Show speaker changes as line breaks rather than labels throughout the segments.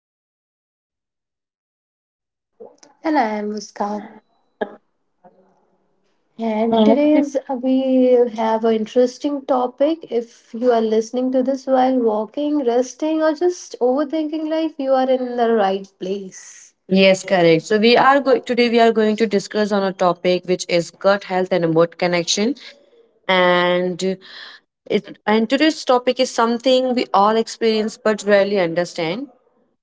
Deepika.
And I am Muskan. And
Correct.
today's we have an interesting topic. If you are listening to this while walking, resting, or just overthinking life, you are in the right place. Yes,
Yes,
correct.
correct. So
So we
we
are
are going
good.
today. We are going to discuss on a topic which is gut health and emote connection. And it and today's topic is something we all experience but rarely understand.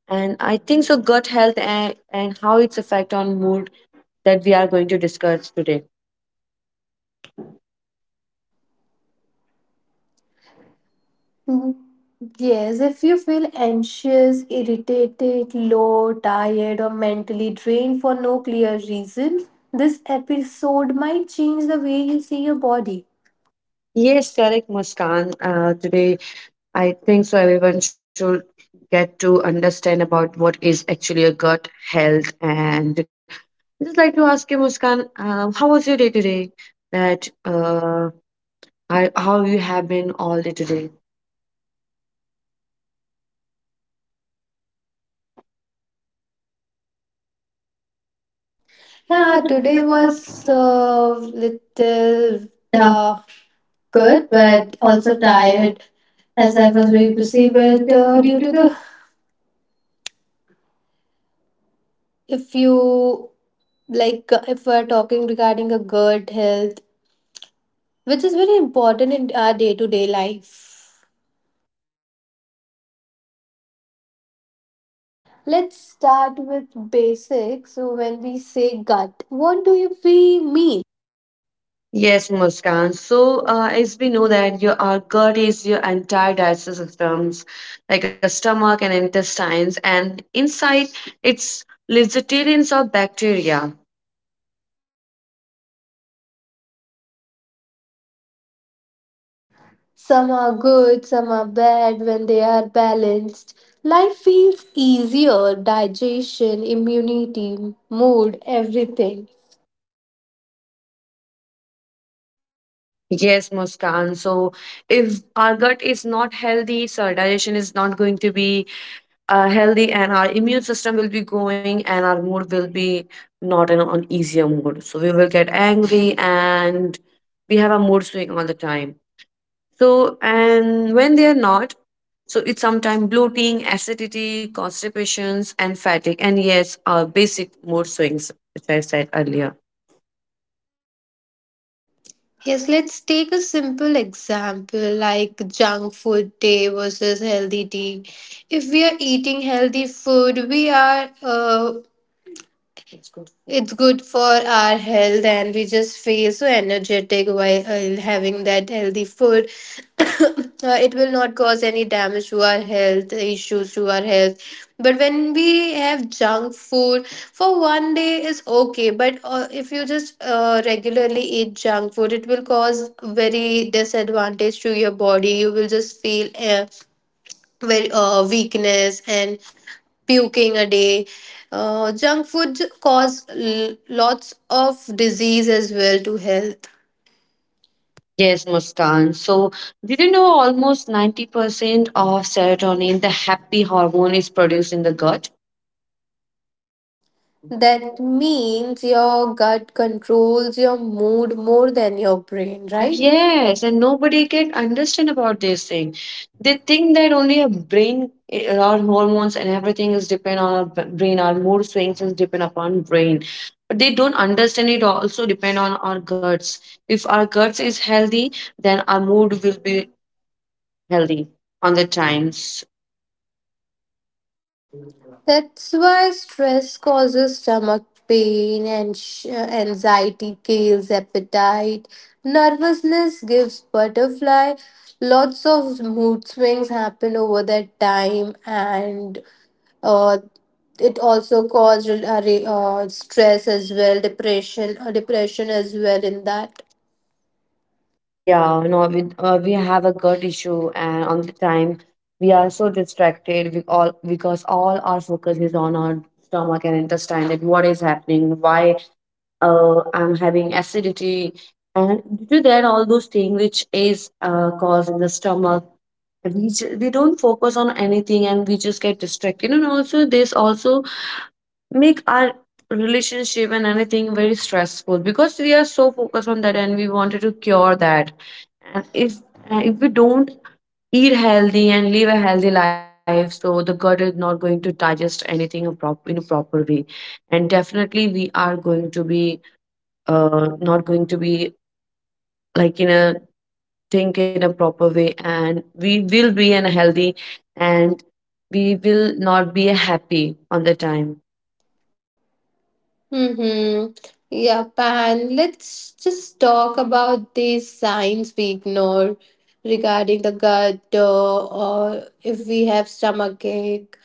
And I think so. Gut health and how its effect on mood that we are going to discuss today.
Mhm. Yes, if you feel anxious, irritated, low, tired, or mentally drained for no clear reason, this episode might change the way you see your body.
Yes, correct, Muskan. Today I think so. Everyone should get to understand about what is actually a gut health. And I just like to ask you, Muskan, how was your day today? That I, how you have been all day today?
Yeah,
Yeah,
nah, today
today was
was
uh, little
little,
tough,
uh,
good,
good,
but
but
also
also
tired
tired
as
as
I
I
was
was very busy.
reviewing.
But due to the, if you like, If we're talking regarding a good health, which is very important in our day to day life. Let's start with basics. So, when we say gut, what do you we mean?
Yes, Muskan. So, as we know that your our gut is your entire digestive systems, like a stomach and intestines, and inside it's ligatures of bacteria.
Some are good, some are bad when they are balanced. Life feels easier digestion, immunity, mood, everything.
Yes, Muskan. So, if our gut is not healthy, so our digestion is not going to be healthy, and our immune system will be going, and our mood will be not in an easier mood. So we will get angry, and we have a mood swing all the time. So, and when they are not, so it's sometimes bloating, acidity, constipations, and fatigue, and yes, basic mood swings, which I said earlier.
Yes, let's take a simple example like junk food day versus healthy tea. If we are eating healthy food, we are it's good for our health, and we just feel so energetic while having that healthy food. It will not cause any damage to our health, issues to our health. But when we have junk food for one day is okay, but if you just regularly eat junk food, it will cause very disadvantage to your body. You will just feel weakness and puking a day. Lots of disease as well to health.
Yes, Muskan. So, did you know almost 90% of serotonin, the happy hormone, is produced in the gut?
That means your gut controls your mood more than your
Right.
brain,
Right?
right? Yeah.
Yes, and nobody can understand about this thing. They think that only a brain, eh, our hormones and everything is depend on our brain. Our mood swings is depend upon brain, but they don't understand it also depend on our guts. If our guts is healthy, then our mood will be healthy on the times.
That's why stress causes stomach pain and anxiety kills appetite. Nervousness gives butterfly. Lots of mood swings happen over that time, and uh, it also caused stress as well, depression, as well in that.
Yeah, no, we have a gut issue, and on the time we are so distracted. We all because all our focus is on our stomach and intestine. That what is happening? Why I'm having acidity, and due to that, all those things which is caused in the stomach. We don't focus on anything, and we just get distracted. And also, this also make our relationship and anything very stressful because we are so focused on that and we wanted to cure that and if we don't eat healthy and live a healthy life so the gut is not going to digest anything a in a proper way and definitely we are going to be not going to be like in a think in a proper way and we will be unhealthy and we will not be happy on the time.
Mm-hmm. Yep, and let's just talk about these signs we ignore regarding the gut, or if we have stomach ache,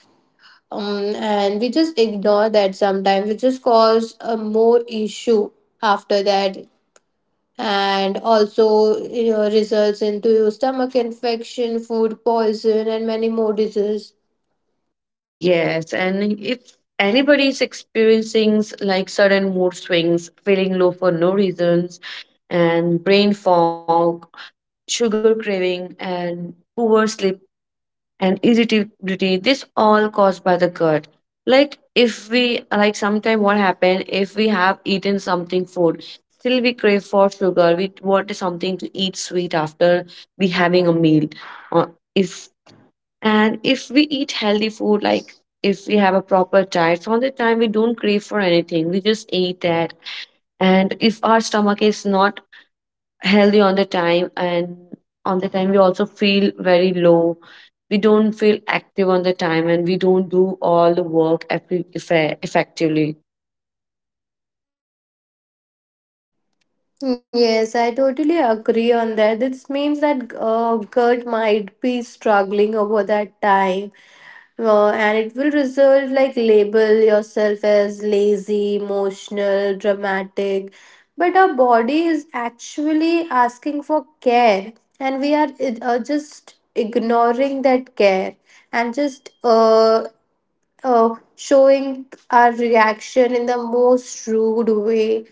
and we just ignore that sometimes, which just cause a more issue after that. And also, results into stomach infection, food poison, and many more diseases.
Yes, and if anybody is experiencing like sudden mood swings, feeling low for no reasons, and brain fog, sugar craving, and poor sleep and irritability, this all caused by the gut. Like if we like sometime what happen if we have eaten something food, still we crave for sugar. We want something to eat sweet after we having a meal. Uh, if and if we eat healthy food, like if we have a proper diet, from the time we don't crave for anything, we just eat that. And if our stomach is not healthy on the time, and on the time we also feel very low, we don't feel active on the time, and we don't do all the work effectively.
Yes, I totally agree on that. This means that gut might be struggling over that time. And it will result like label yourself as lazy, emotional, dramatic. But our body is actually asking for care, and we are just ignoring that care and just showing our reaction in the most rude way,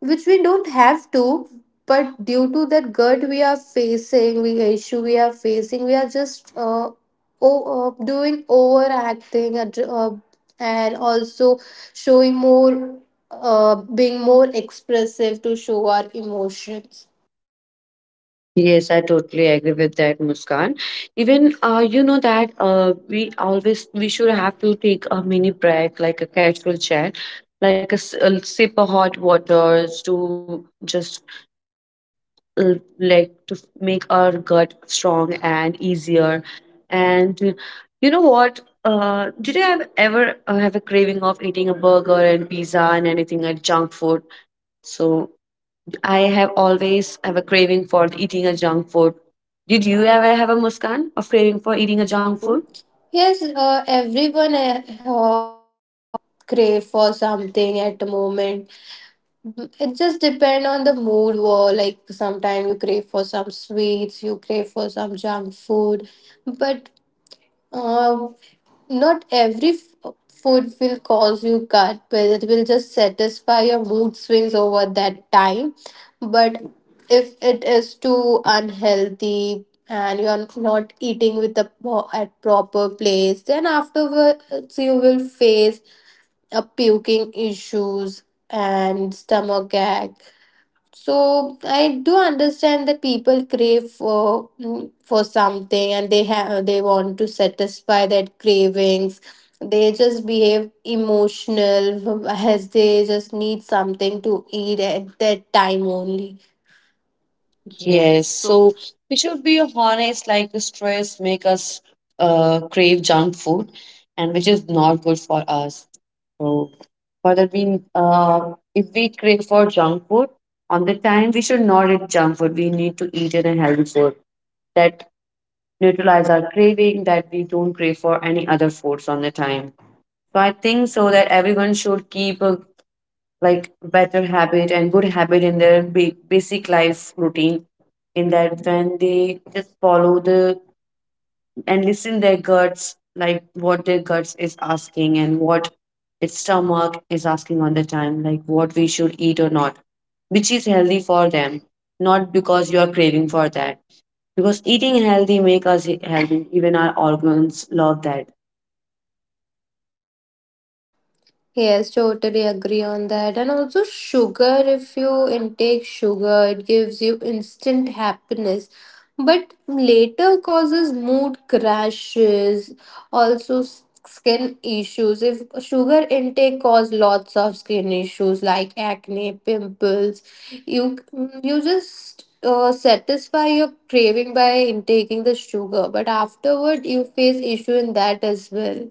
which we don't have to. But due to that gut we are facing, we issue we are facing, we are just o- doing overacting, and also showing more, being more expressive to show our emotions.
Yes, I totally agree with that, Muskan. Even you know that we always we should have to take a mini break, like a casual chat, like a, a sip of hot waters to just uh, like to make our gut strong and easier. And you know what? Did you have ever have a craving of eating a burger and pizza and anything like junk food? So I have always have a craving for eating a junk food. Did you ever have a Muskan of craving for eating
Being
a
a
junk
junk food?
food?
Yes, everyone crave for something at the moment. It just depend on the mood. Or like sometimes you crave for some sweets, you crave for some junk food, but uh, not food will cause you gut. But it will just satisfy your mood swings over that time. But if it is too unhealthy and you're not eating at proper place, then afterwards you will face puking issues and stomach ache. So I do understand that people crave for for something and they want to satisfy that cravings. They just behave emotional as they just need something to eat at that time only. Yes,
Yes, so
so
we should be honest, like the stress make us crave junk food, and which is not good for us. So for that we if we crave for junk food on the time, we should not eat junk food. We need to eat in a healthy food that neutralize our craving that we don't crave for any other foods on the time. So I think so that everyone should keep a like better habit and good habit in their basic life routine. In that when they just follow the and listen their guts, like what their guts is asking and what its stomach is asking on the time, like what we should eat or not, which is healthy for them, not because you are craving for that. Because eating healthy make us healthy. Even our organs love that.
Yes, totally agree on that. And also, sugar, if you intake sugar, it gives you instant happiness, but later causes mood crashes, also s- skin issues. If sugar intake cause lots of skin issues like acne, pimples, you you just satisfy your craving by intaking the sugar, but afterward you face issue in that as well.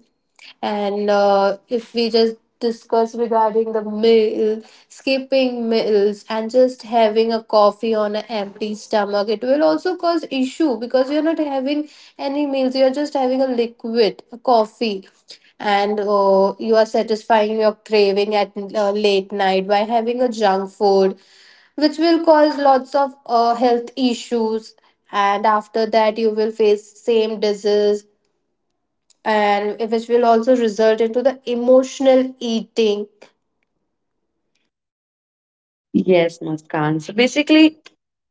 And if we just discuss regarding the meal, skipping meals, and just having a coffee on an empty stomach, it will also cause issue because you're not having any meals. You're just having a liquid, a coffee, and you are satisfying your craving at late night by having a junk food which will cause lots of health issues and after that you will face same disease and which will also result into the emotional eating
Yes, Muskan. So basically,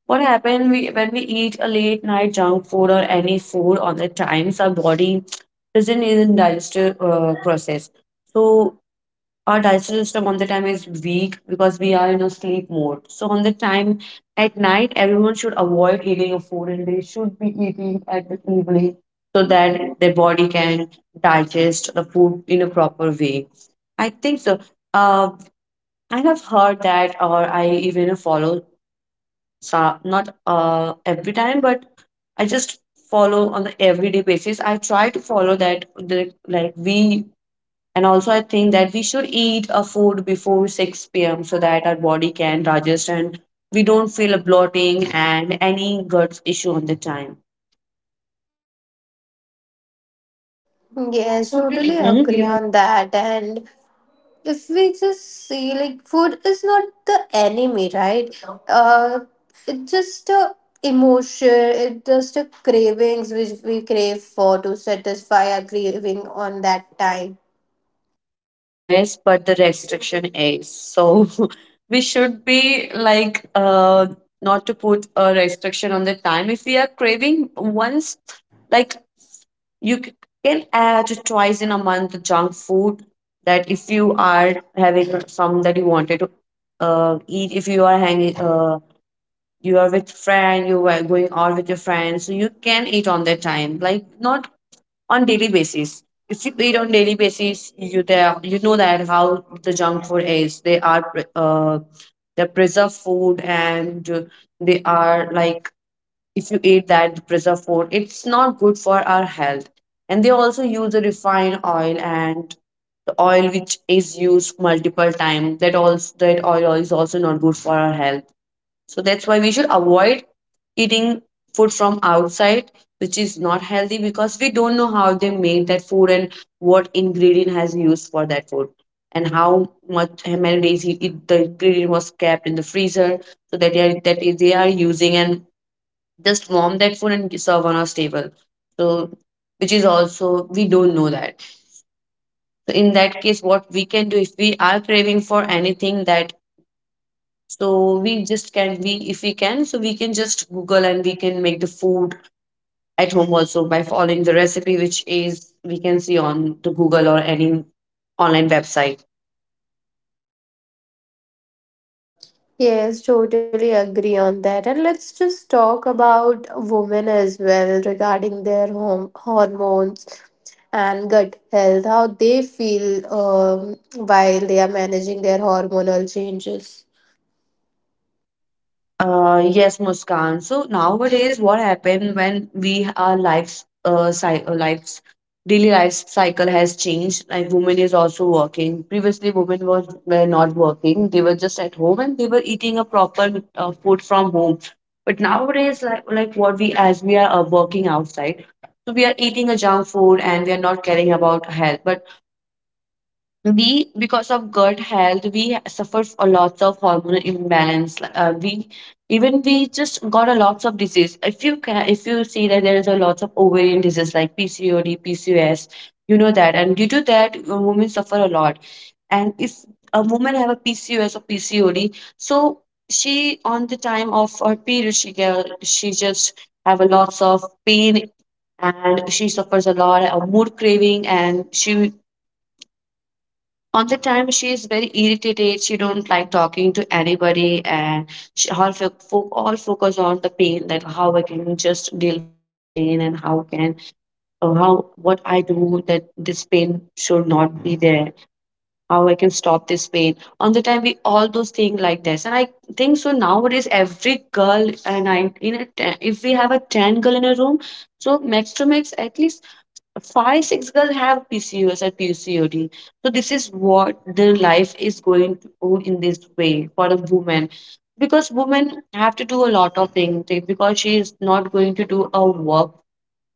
what happened we, when we eat a late night junk food or any food on the times, our body doesn't even digestive process. So our digestive system on the time is weak because we are in a sleep mode. So on the time at night, everyone should avoid eating a food and they should be eating at the evening so that their body can digest the food in a proper way. I think so. Uh, I have heard that, or I even follow so not every time but I just follow on the everyday basis I try to follow that the, like we and also I think that we should eat a food before 6 p.m. so that our body can digest and we don't feel a bloating and any gut issue on the time. Yeah,
yes,
so do you,
totally
mhm, agree
agree
on?
on that. And if we just see, like, food is not the enemy, right? It's just a emotion, it's just a cravings which we crave for to satisfy our craving on that time.
Yes, but the restriction is so we should be like not to put a restriction on the time if we are craving once, like you c- can add twice in a month junk food that if you are having some that you wanted to eat if you are hanging you are with friend you are going out with your friends so you can eat on that time like not on daily basis. If you eat on daily basis you there you know that how the junk food is they're preserved food and they are like if you eat that preserved food it's not good for our health and they also use a refined oil and the oil which is used multiple times that also that oil is also not good for our health so that's why we should avoid eating food from outside which is not healthy because we don't know how they made that food and what ingredient has used for that food and how much how many days the ingredient was kept in the freezer so that they are using and just warm that food and serve on our table. So, which is also, we don't know that. So, in that case, what we can do if we are craving for anything that, so we just can, we, if we can, so we can just Google and we can make the food at home also by following the recipe, which is we can see on the Google or any online website.
Yes, totally agree on that. And let's just talk about women as well regarding their home hormones and gut health, how they feel, while they are managing their hormonal changes.
Yes, Muskan. So nowadays, what happened when we our lives, cy lives, daily life cycle has changed. Like women is also working. Previously, women was were not working. They were just at home and they were eating a proper food from home. But nowadays, like what we as we are working outside, so we are eating a junk food and we are not caring about health. But we, because of gut health, we suffer a lots of hormonal imbalance. Like, uh, we even we just got a lots of disease. If you can, if you see that, there is a lots of ovarian disease like PCOD, PCOS, you know that. And due to that, women suffer a lot. And if a woman have a PCOS or PCOD, so she, on the time of her period, she just have a lots of pain. And she suffers a lot of mood craving, and she, on the time, she is very irritated, she don't like talking to anybody. And she, all, fo- fo- all focus on the pain, that how I can just deal with this pain, and how can, or how, what I do that this pain should not be there, how I can stop this pain on the time, we all those things like this. And I think so nowadays every girl, and I in a ten, if we have a 10 girl in a room, so max to max, at least 5, 6 girls have PCOS or PCOD. So this is what their life is going to go, in this way, for a woman. Because women have to do a lot of things. Because she is not going to do a work,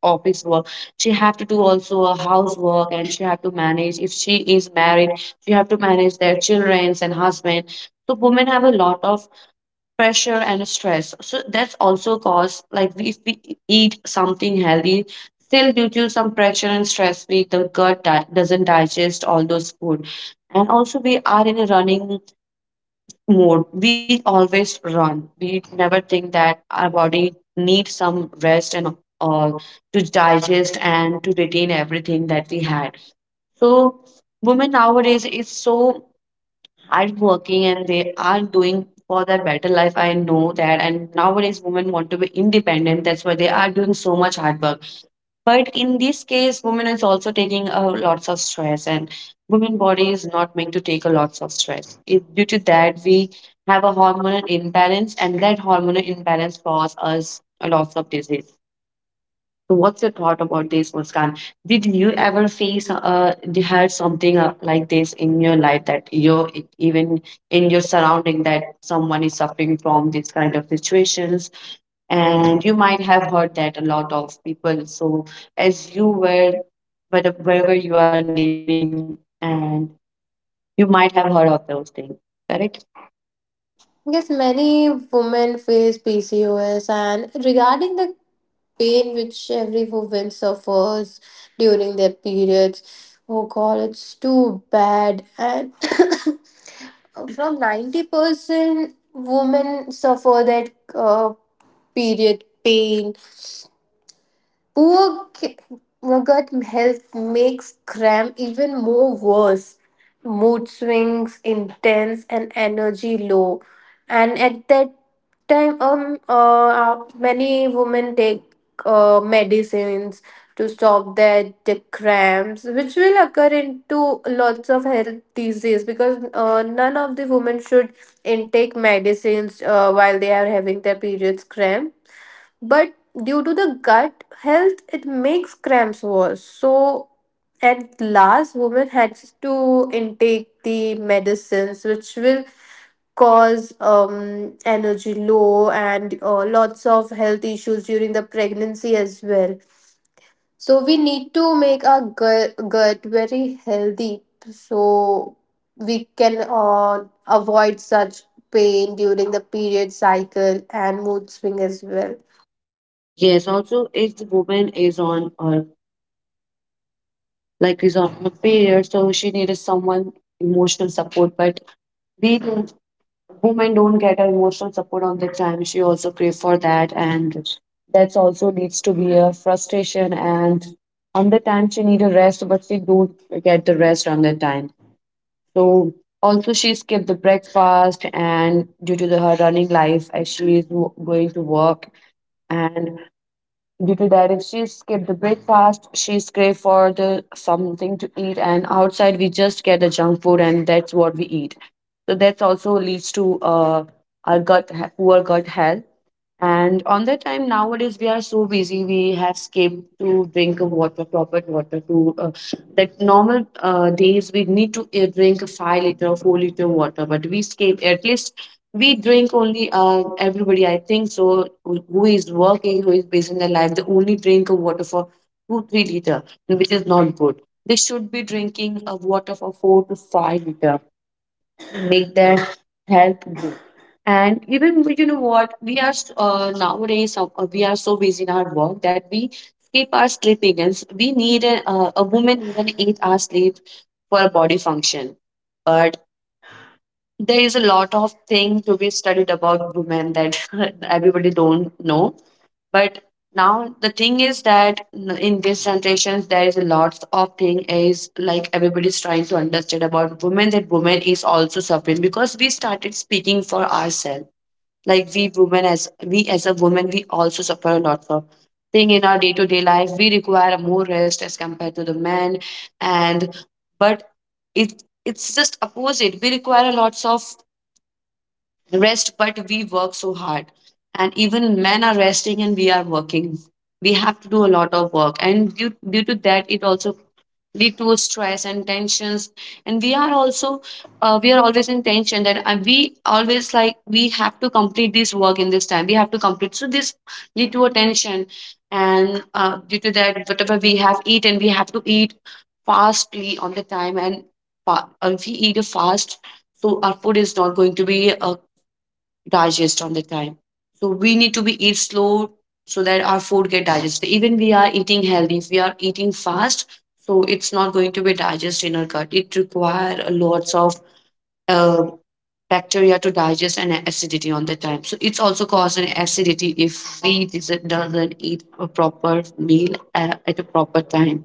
office work, she have to do also a housework. And she have to manage, if she is married, she have to manage their childrens and husband. So women have a lot of pressure and stress. So that's also cause, like if we eat something healthy, still due to some pressure and stress, we the gut di- doesn't digest all those food. And also we are in a running mode. We always run. We never think that our body needs some rest and all, to digest and to retain everything that we had. So women nowadays is so, are working, and they are doing for their better life. I know that. And nowadays, women want to be independent. That's why they are doing so much hard work. But in this case, women is also taking lots of stress. And women body is not meant to take a lots of stress. It, due to that, we have a hormonal imbalance, and that hormonal imbalance cause us a lots of disease. So what's your thought about this, Muskan? Did you ever face you had something like this in your life, that you even in your surrounding, that someone is suffering from these kind of situations? And you might have heard that a lot of people. So as you were, but wherever you are living, and you might have heard of those things, correct?
Yes, many women face PCOS, and regarding the pain which every woman suffers during their periods, oh god, it's too bad. And around 90% women suffer that uh, period pain. Poor ki- gut health makes cramp even more worse. Mood swings, intense, and energy low. And at that time, many women take medicines to stop their the cramps, which will occur into lots of health disease because none of the women should intake medicines while they are having their periods cramp, but due to the gut health it makes cramps worse. So at last women had to intake the medicines which will cause, energy low and lots of health issues during the pregnancy as well. So we need to make our gut very healthy so we can avoid such pain during the period cycle and mood swing as well.
Yes, also if the woman is on, or like is on her period, so she needs someone emotional support, but we women don't get an emotional support. On the time she also crave for that, and that's also leads to be a frustration. And on the time she need a rest, but she don't get the rest on the time. So also she skipped the breakfast, and due to the, her running life, as she is going to work. And due to that, if she skipped the breakfast, she's crave for the something to eat, and outside we just get the junk food, and that's what we eat. So that's also leads to our poor gut health. And on that time, nowadays we are so busy, we have escaped to drink of water, proper water. To That normal days we need to drink 5 liter, 4 liter water, but we escape at least. We drink only everybody, I think so. Who is working, who is busy in their life, they only drink of water for two, 3 liter, which is not good. They should be drinking of water for 4 to 5 liter, make their health good. And you know what we are nowadays, we are so busy in our work that we skip our sleeping. And we need a woman need an 8 hour sleep for a body function. But there is a lot of thing to be studied about women that everybody don't know. But now the thing is that, in these generations, there is a lots of thing is, like everybody's trying to understand about women, that women is also suffering, because we started speaking for ourselves. Like we women as, we as a woman, we also suffer a lot of thing in our day to day life. We require more rest as compared to the men. And but it, it's just opposite, we require a lots of rest, but we work so hard. And even men are resting and we are working. We have to do a lot of work. And due to that, it also lead to stress and tensions. And we are also, we are always in tension, that we always like, we have to complete this work in this time, we have to complete. So this lead to a tension. And due to that, whatever we have eaten, we have to eat fastly on the time. And if we eat a fast, so our food is not going to be digest on the time. So we need to be eat slow, so that our food get digested. Even we are eating healthy, if we are eating fast, so it's not going to be digested in our gut. It require a lots of uh, bacteria to digest, and acidity on the time. So it's also cause an acidity if we doesn't eat a proper meal at a proper time.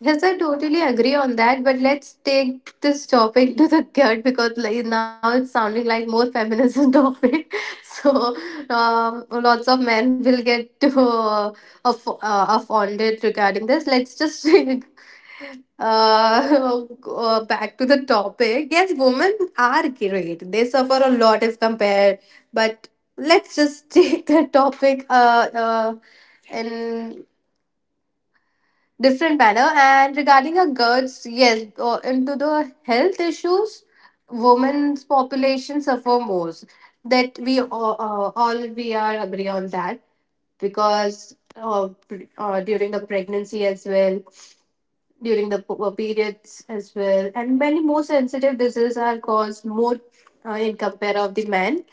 Yes, I totally agree on that, but let's take this topic to the gut because like now it's sounding like more feminism topic. So, lots of men will get to offended regarding this. Let's just go back to the topic. Yes, women are great. They suffer a lot if compared, but let's just take the topic and different manner. And regarding a girls, yes, into the health issues, women's population suffer most. That we all, all we are agree on that because during the pregnancy as well, during the periods as well. And many more sensitive diseases are caused more in compare of the men.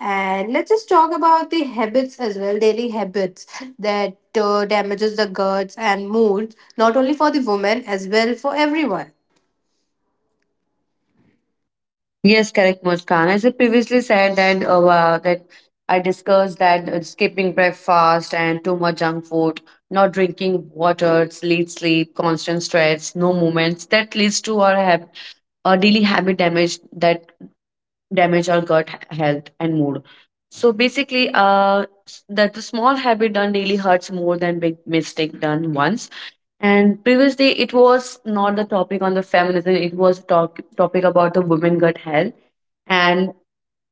And let's just talk about the habits as well, daily habits that damages the guts and mood, not only for the women as well for everyone.
Yes, correct, Muskan. As I previously said that that I discussed that, skipping breakfast and too much junk food, not drinking water, late sleep, constant stress, no movements, that leads to our hab our daily habit damage, that damage our health and mood. So basically, that the small habit done daily hurts more than big mistake done once. And previously, it was not the topic on the feminism; it was talk topic about the women gut health. And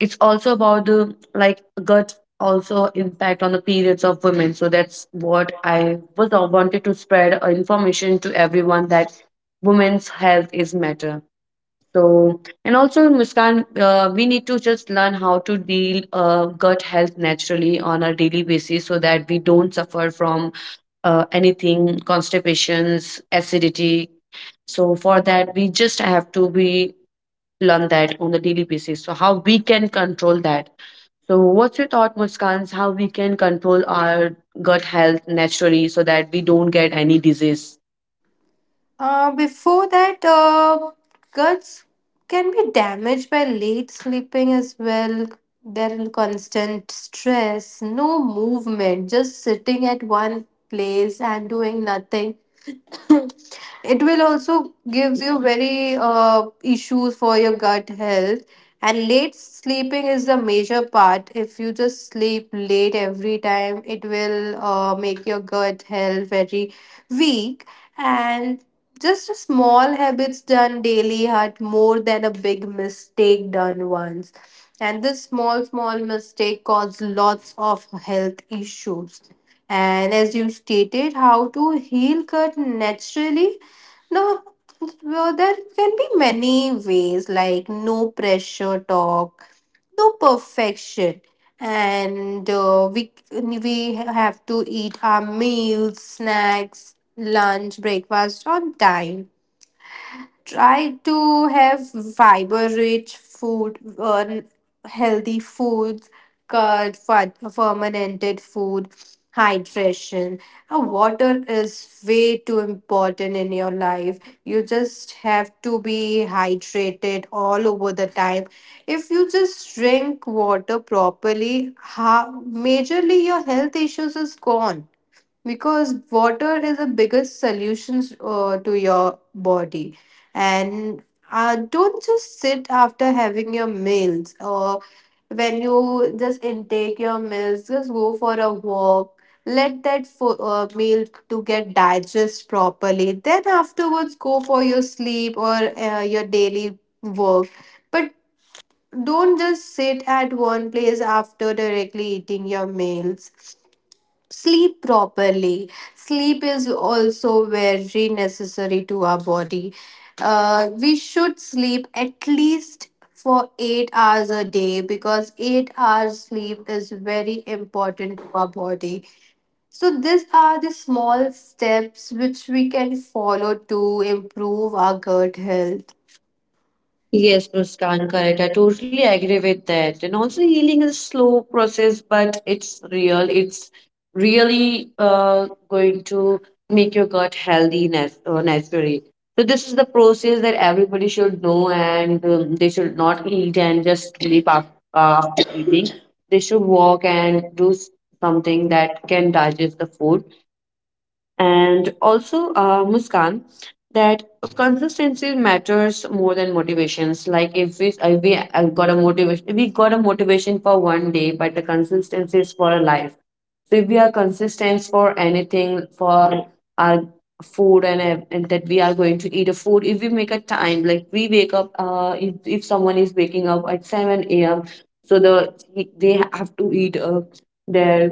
it's also about the, like, gut also impact on the periods of women. So that's what I wanted to spread information to everyone, that women's health is matter. So and also, Muskan, we need to just learn how to deal gut health naturally on a daily basis, so that we don't suffer from anything, constipations, acidity. So for that, we just have to be learn that on the daily basis, so how we can control that. So what's your thought, Muskan, how we can control our gut health naturally, so that we don't get any disease?
Before that, guts can be damaged by late sleeping as well. There is constant stress, no movement, just sitting at one place and doing nothing. It will also gives you very issues for your gut health. And late sleeping is the major part. If you just sleep late every time, it will make your gut health very weak. And just a small habits done daily hurt more than a big mistake done once. And this small small mistake cause lots of health issues. And as you stated, how to heal cut naturally. Now, well, there can be many ways like no pressure talk, no perfection. And we have to eat our meals, snacks, lunch, breakfast on time. Try to have fiber rich food, healthy foods, curd, fermented food, hydration. Water is way too important in your life. You just have to be hydrated all over the time. If you just drink water properly, how majorly your health issues is gone because water is the biggest solutions to your body. And don't just sit after having your meals. Or when you just intake your meals, just go for a walk, let that meal to get digest properly, then afterwards go for your sleep or your daily work. But don't just sit at one place after directly eating your meals. Sleep properly, sleep is also very necessary to our body. We should sleep at least for 8 hours a day because 8 hours sleep is very important to our body. So these are the small steps which we can follow to improve our gut health.
Yes, Muskan, correct. I totally agree with that. And also, healing is slow process, but it's real. It's really going to make your gut healthy naturally. So this is the process that everybody should know, and they should not eat and just sleep after, after eating. They should walk and do something that can digest the food. And also, Muskan, that consistency matters more than motivations. Like if we got a motivation, we got a motivation for one day, but the consistency is for a life. So if we are consistent for anything for our food, and and that we are going to eat a food, if we make a time, like we wake up if someone is waking up at 7 a.m, so the, they have to eat their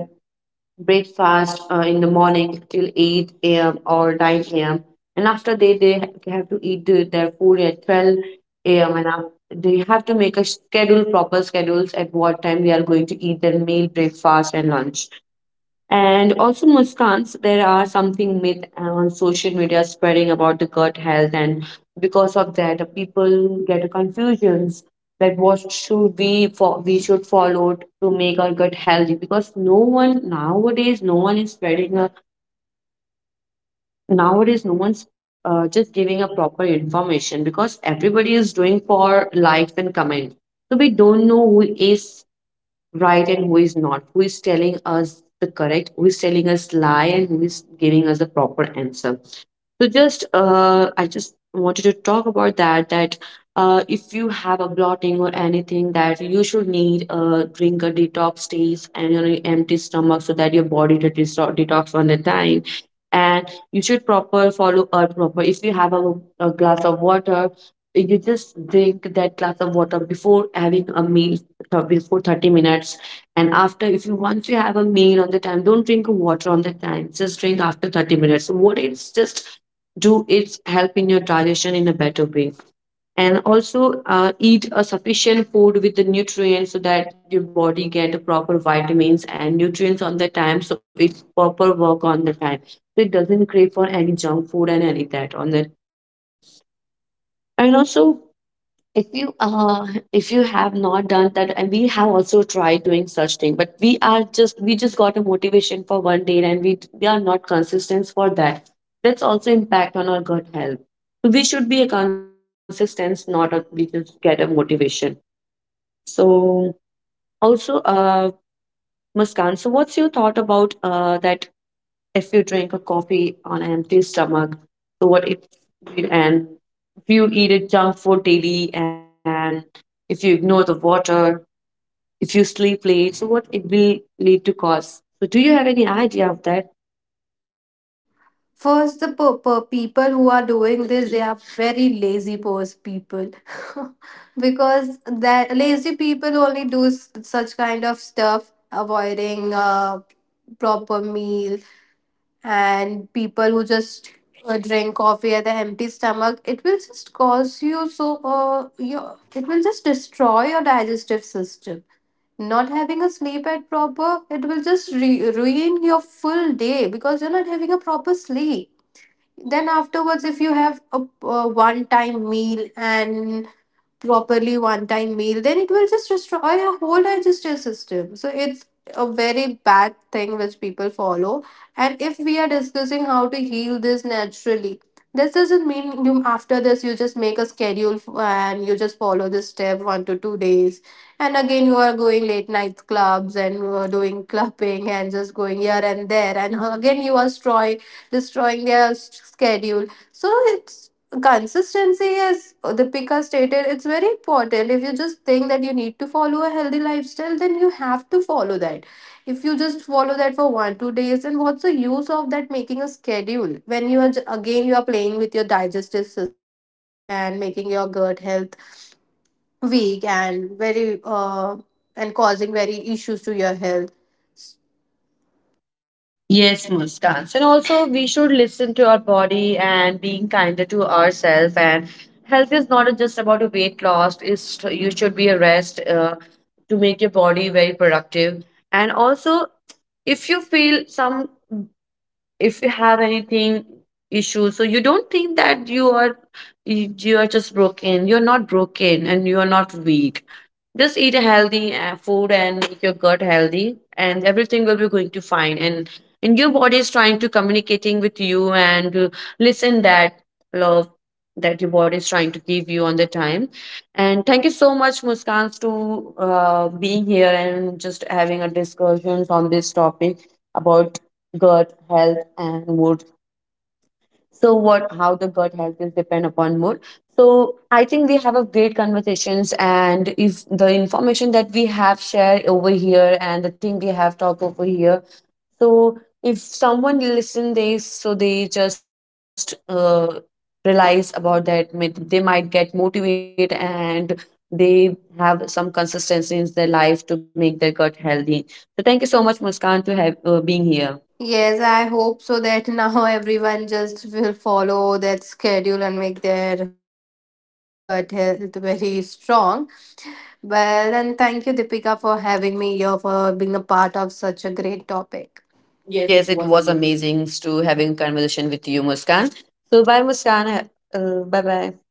breakfast in the morning till 8 a.m. or 9 a.m. And after they, have to eat the, their food at 12 a.m. And they have to make a schedule, proper schedules, at what time they are going to eat their meal, breakfast, and lunch. And also, Muskans, there are something myth on social media spreading about the gut health. And because of that, people get confusions, that what should we for, we should follow, to make our gut healthy. Because no one nowadays, no one is spreading a nowadays, no one's just giving a proper information, because everybody is doing for likes and comments. So we don't know who is right and who is not, who is telling us the correct, who is telling us lie, and who is giving us the proper answer. So just I just wanted to talk about that, that if you have a blotting or anything, that you should need drink a detox teas and on an empty stomach, so that your body to detox on the time. And you should proper follow a proper, if you have a glass of water, you just drink that glass of water before having a meal, before 30 minutes. And after, if you once you have a meal on the time, don't drink water on the time, just drink after 30 minutes. So what it's just do, it's help in your digestion in a better way. And also, eat a sufficient food with the nutrients, so that your body get a proper vitamins and nutrients on the time, so it's proper work on the time. So it doesn't crave for any junk food and any that on that. And also, if you uh if you have not done that, and we have also tried doing such thing, but we are just, we just got a motivation for one day, and we are not consistent for that. That's also impact on our gut health. So we should be a consistent, not a we just get a motivation. So also Muskan, so what's your thought about that, if you drink a coffee on an empty stomach, so what it, and if you eat a junk food daily, and if you ignore the water, if you sleep late, so what it will lead to cause. So do you have any idea of that?
First, the people who are doing this, they are very people because that lazy people only do such kind of stuff, avoiding proper meal. And people who just drink coffee at an empty stomach, it will just cause you so your it will just destroy your digestive system. Not having a sleep at proper, it will just ruin your full day because you're not having a proper sleep. Then afterwards if you have a one time meal and properly one time meal, then it will just destroy your whole digestive system. So it's a very bad thing which people follow. And if we are discussing how to heal this naturally, this doesn't mean you after this you just make a schedule and you just follow this step one to two days and again you are going late night clubs and you are doing clubbing and just going here and there and again you are destroying their schedule. So it's consistency, as the Deepika stated, it's very important. If you just think that you need to follow a healthy lifestyle, then you have to follow that. If you just follow that for one two days, and what's the use of that making a schedule when you are again you are playing with your digestive system, and making your gut health weak and very and causing very issues to your health.
Yes, Muskans. And also, we should listen to our body, and being kinder to ourselves. And health is not just about a weight loss, it's you should be a rest to make your body very productive. And also, if you feel some, if you have anything issue, so you don't think that you are, you are just broken, you're not broken and you're not weak. Just eat a healthy food and make your gut healthy, and everything will be going to fine. And your body is trying to communicating with you, and listen that love that your body is trying to give you on the time. And thank you so much, Muskan, to being here and just having a discussion on this topic about gut health and mood. So what, how the gut health is depend upon mood. So I think we have a great conversations. And if the information that we have shared over here, and the thing we have talked over here, so if someone listen this, so they just realize about that, they might get motivated, and they have some consistency in their life to make their gut healthy. So thank you so much, Muskan, to have being here.
Yes, I hope so that now everyone just will follow that schedule and make their gut health very strong. Well, and thank you, Deepika, for having me here, for being a part of such a great topic. Yes, it was
Yes, it
amazing.
was amazing to having conversation with you, Muskan. So bye, Muskan. Bye bye.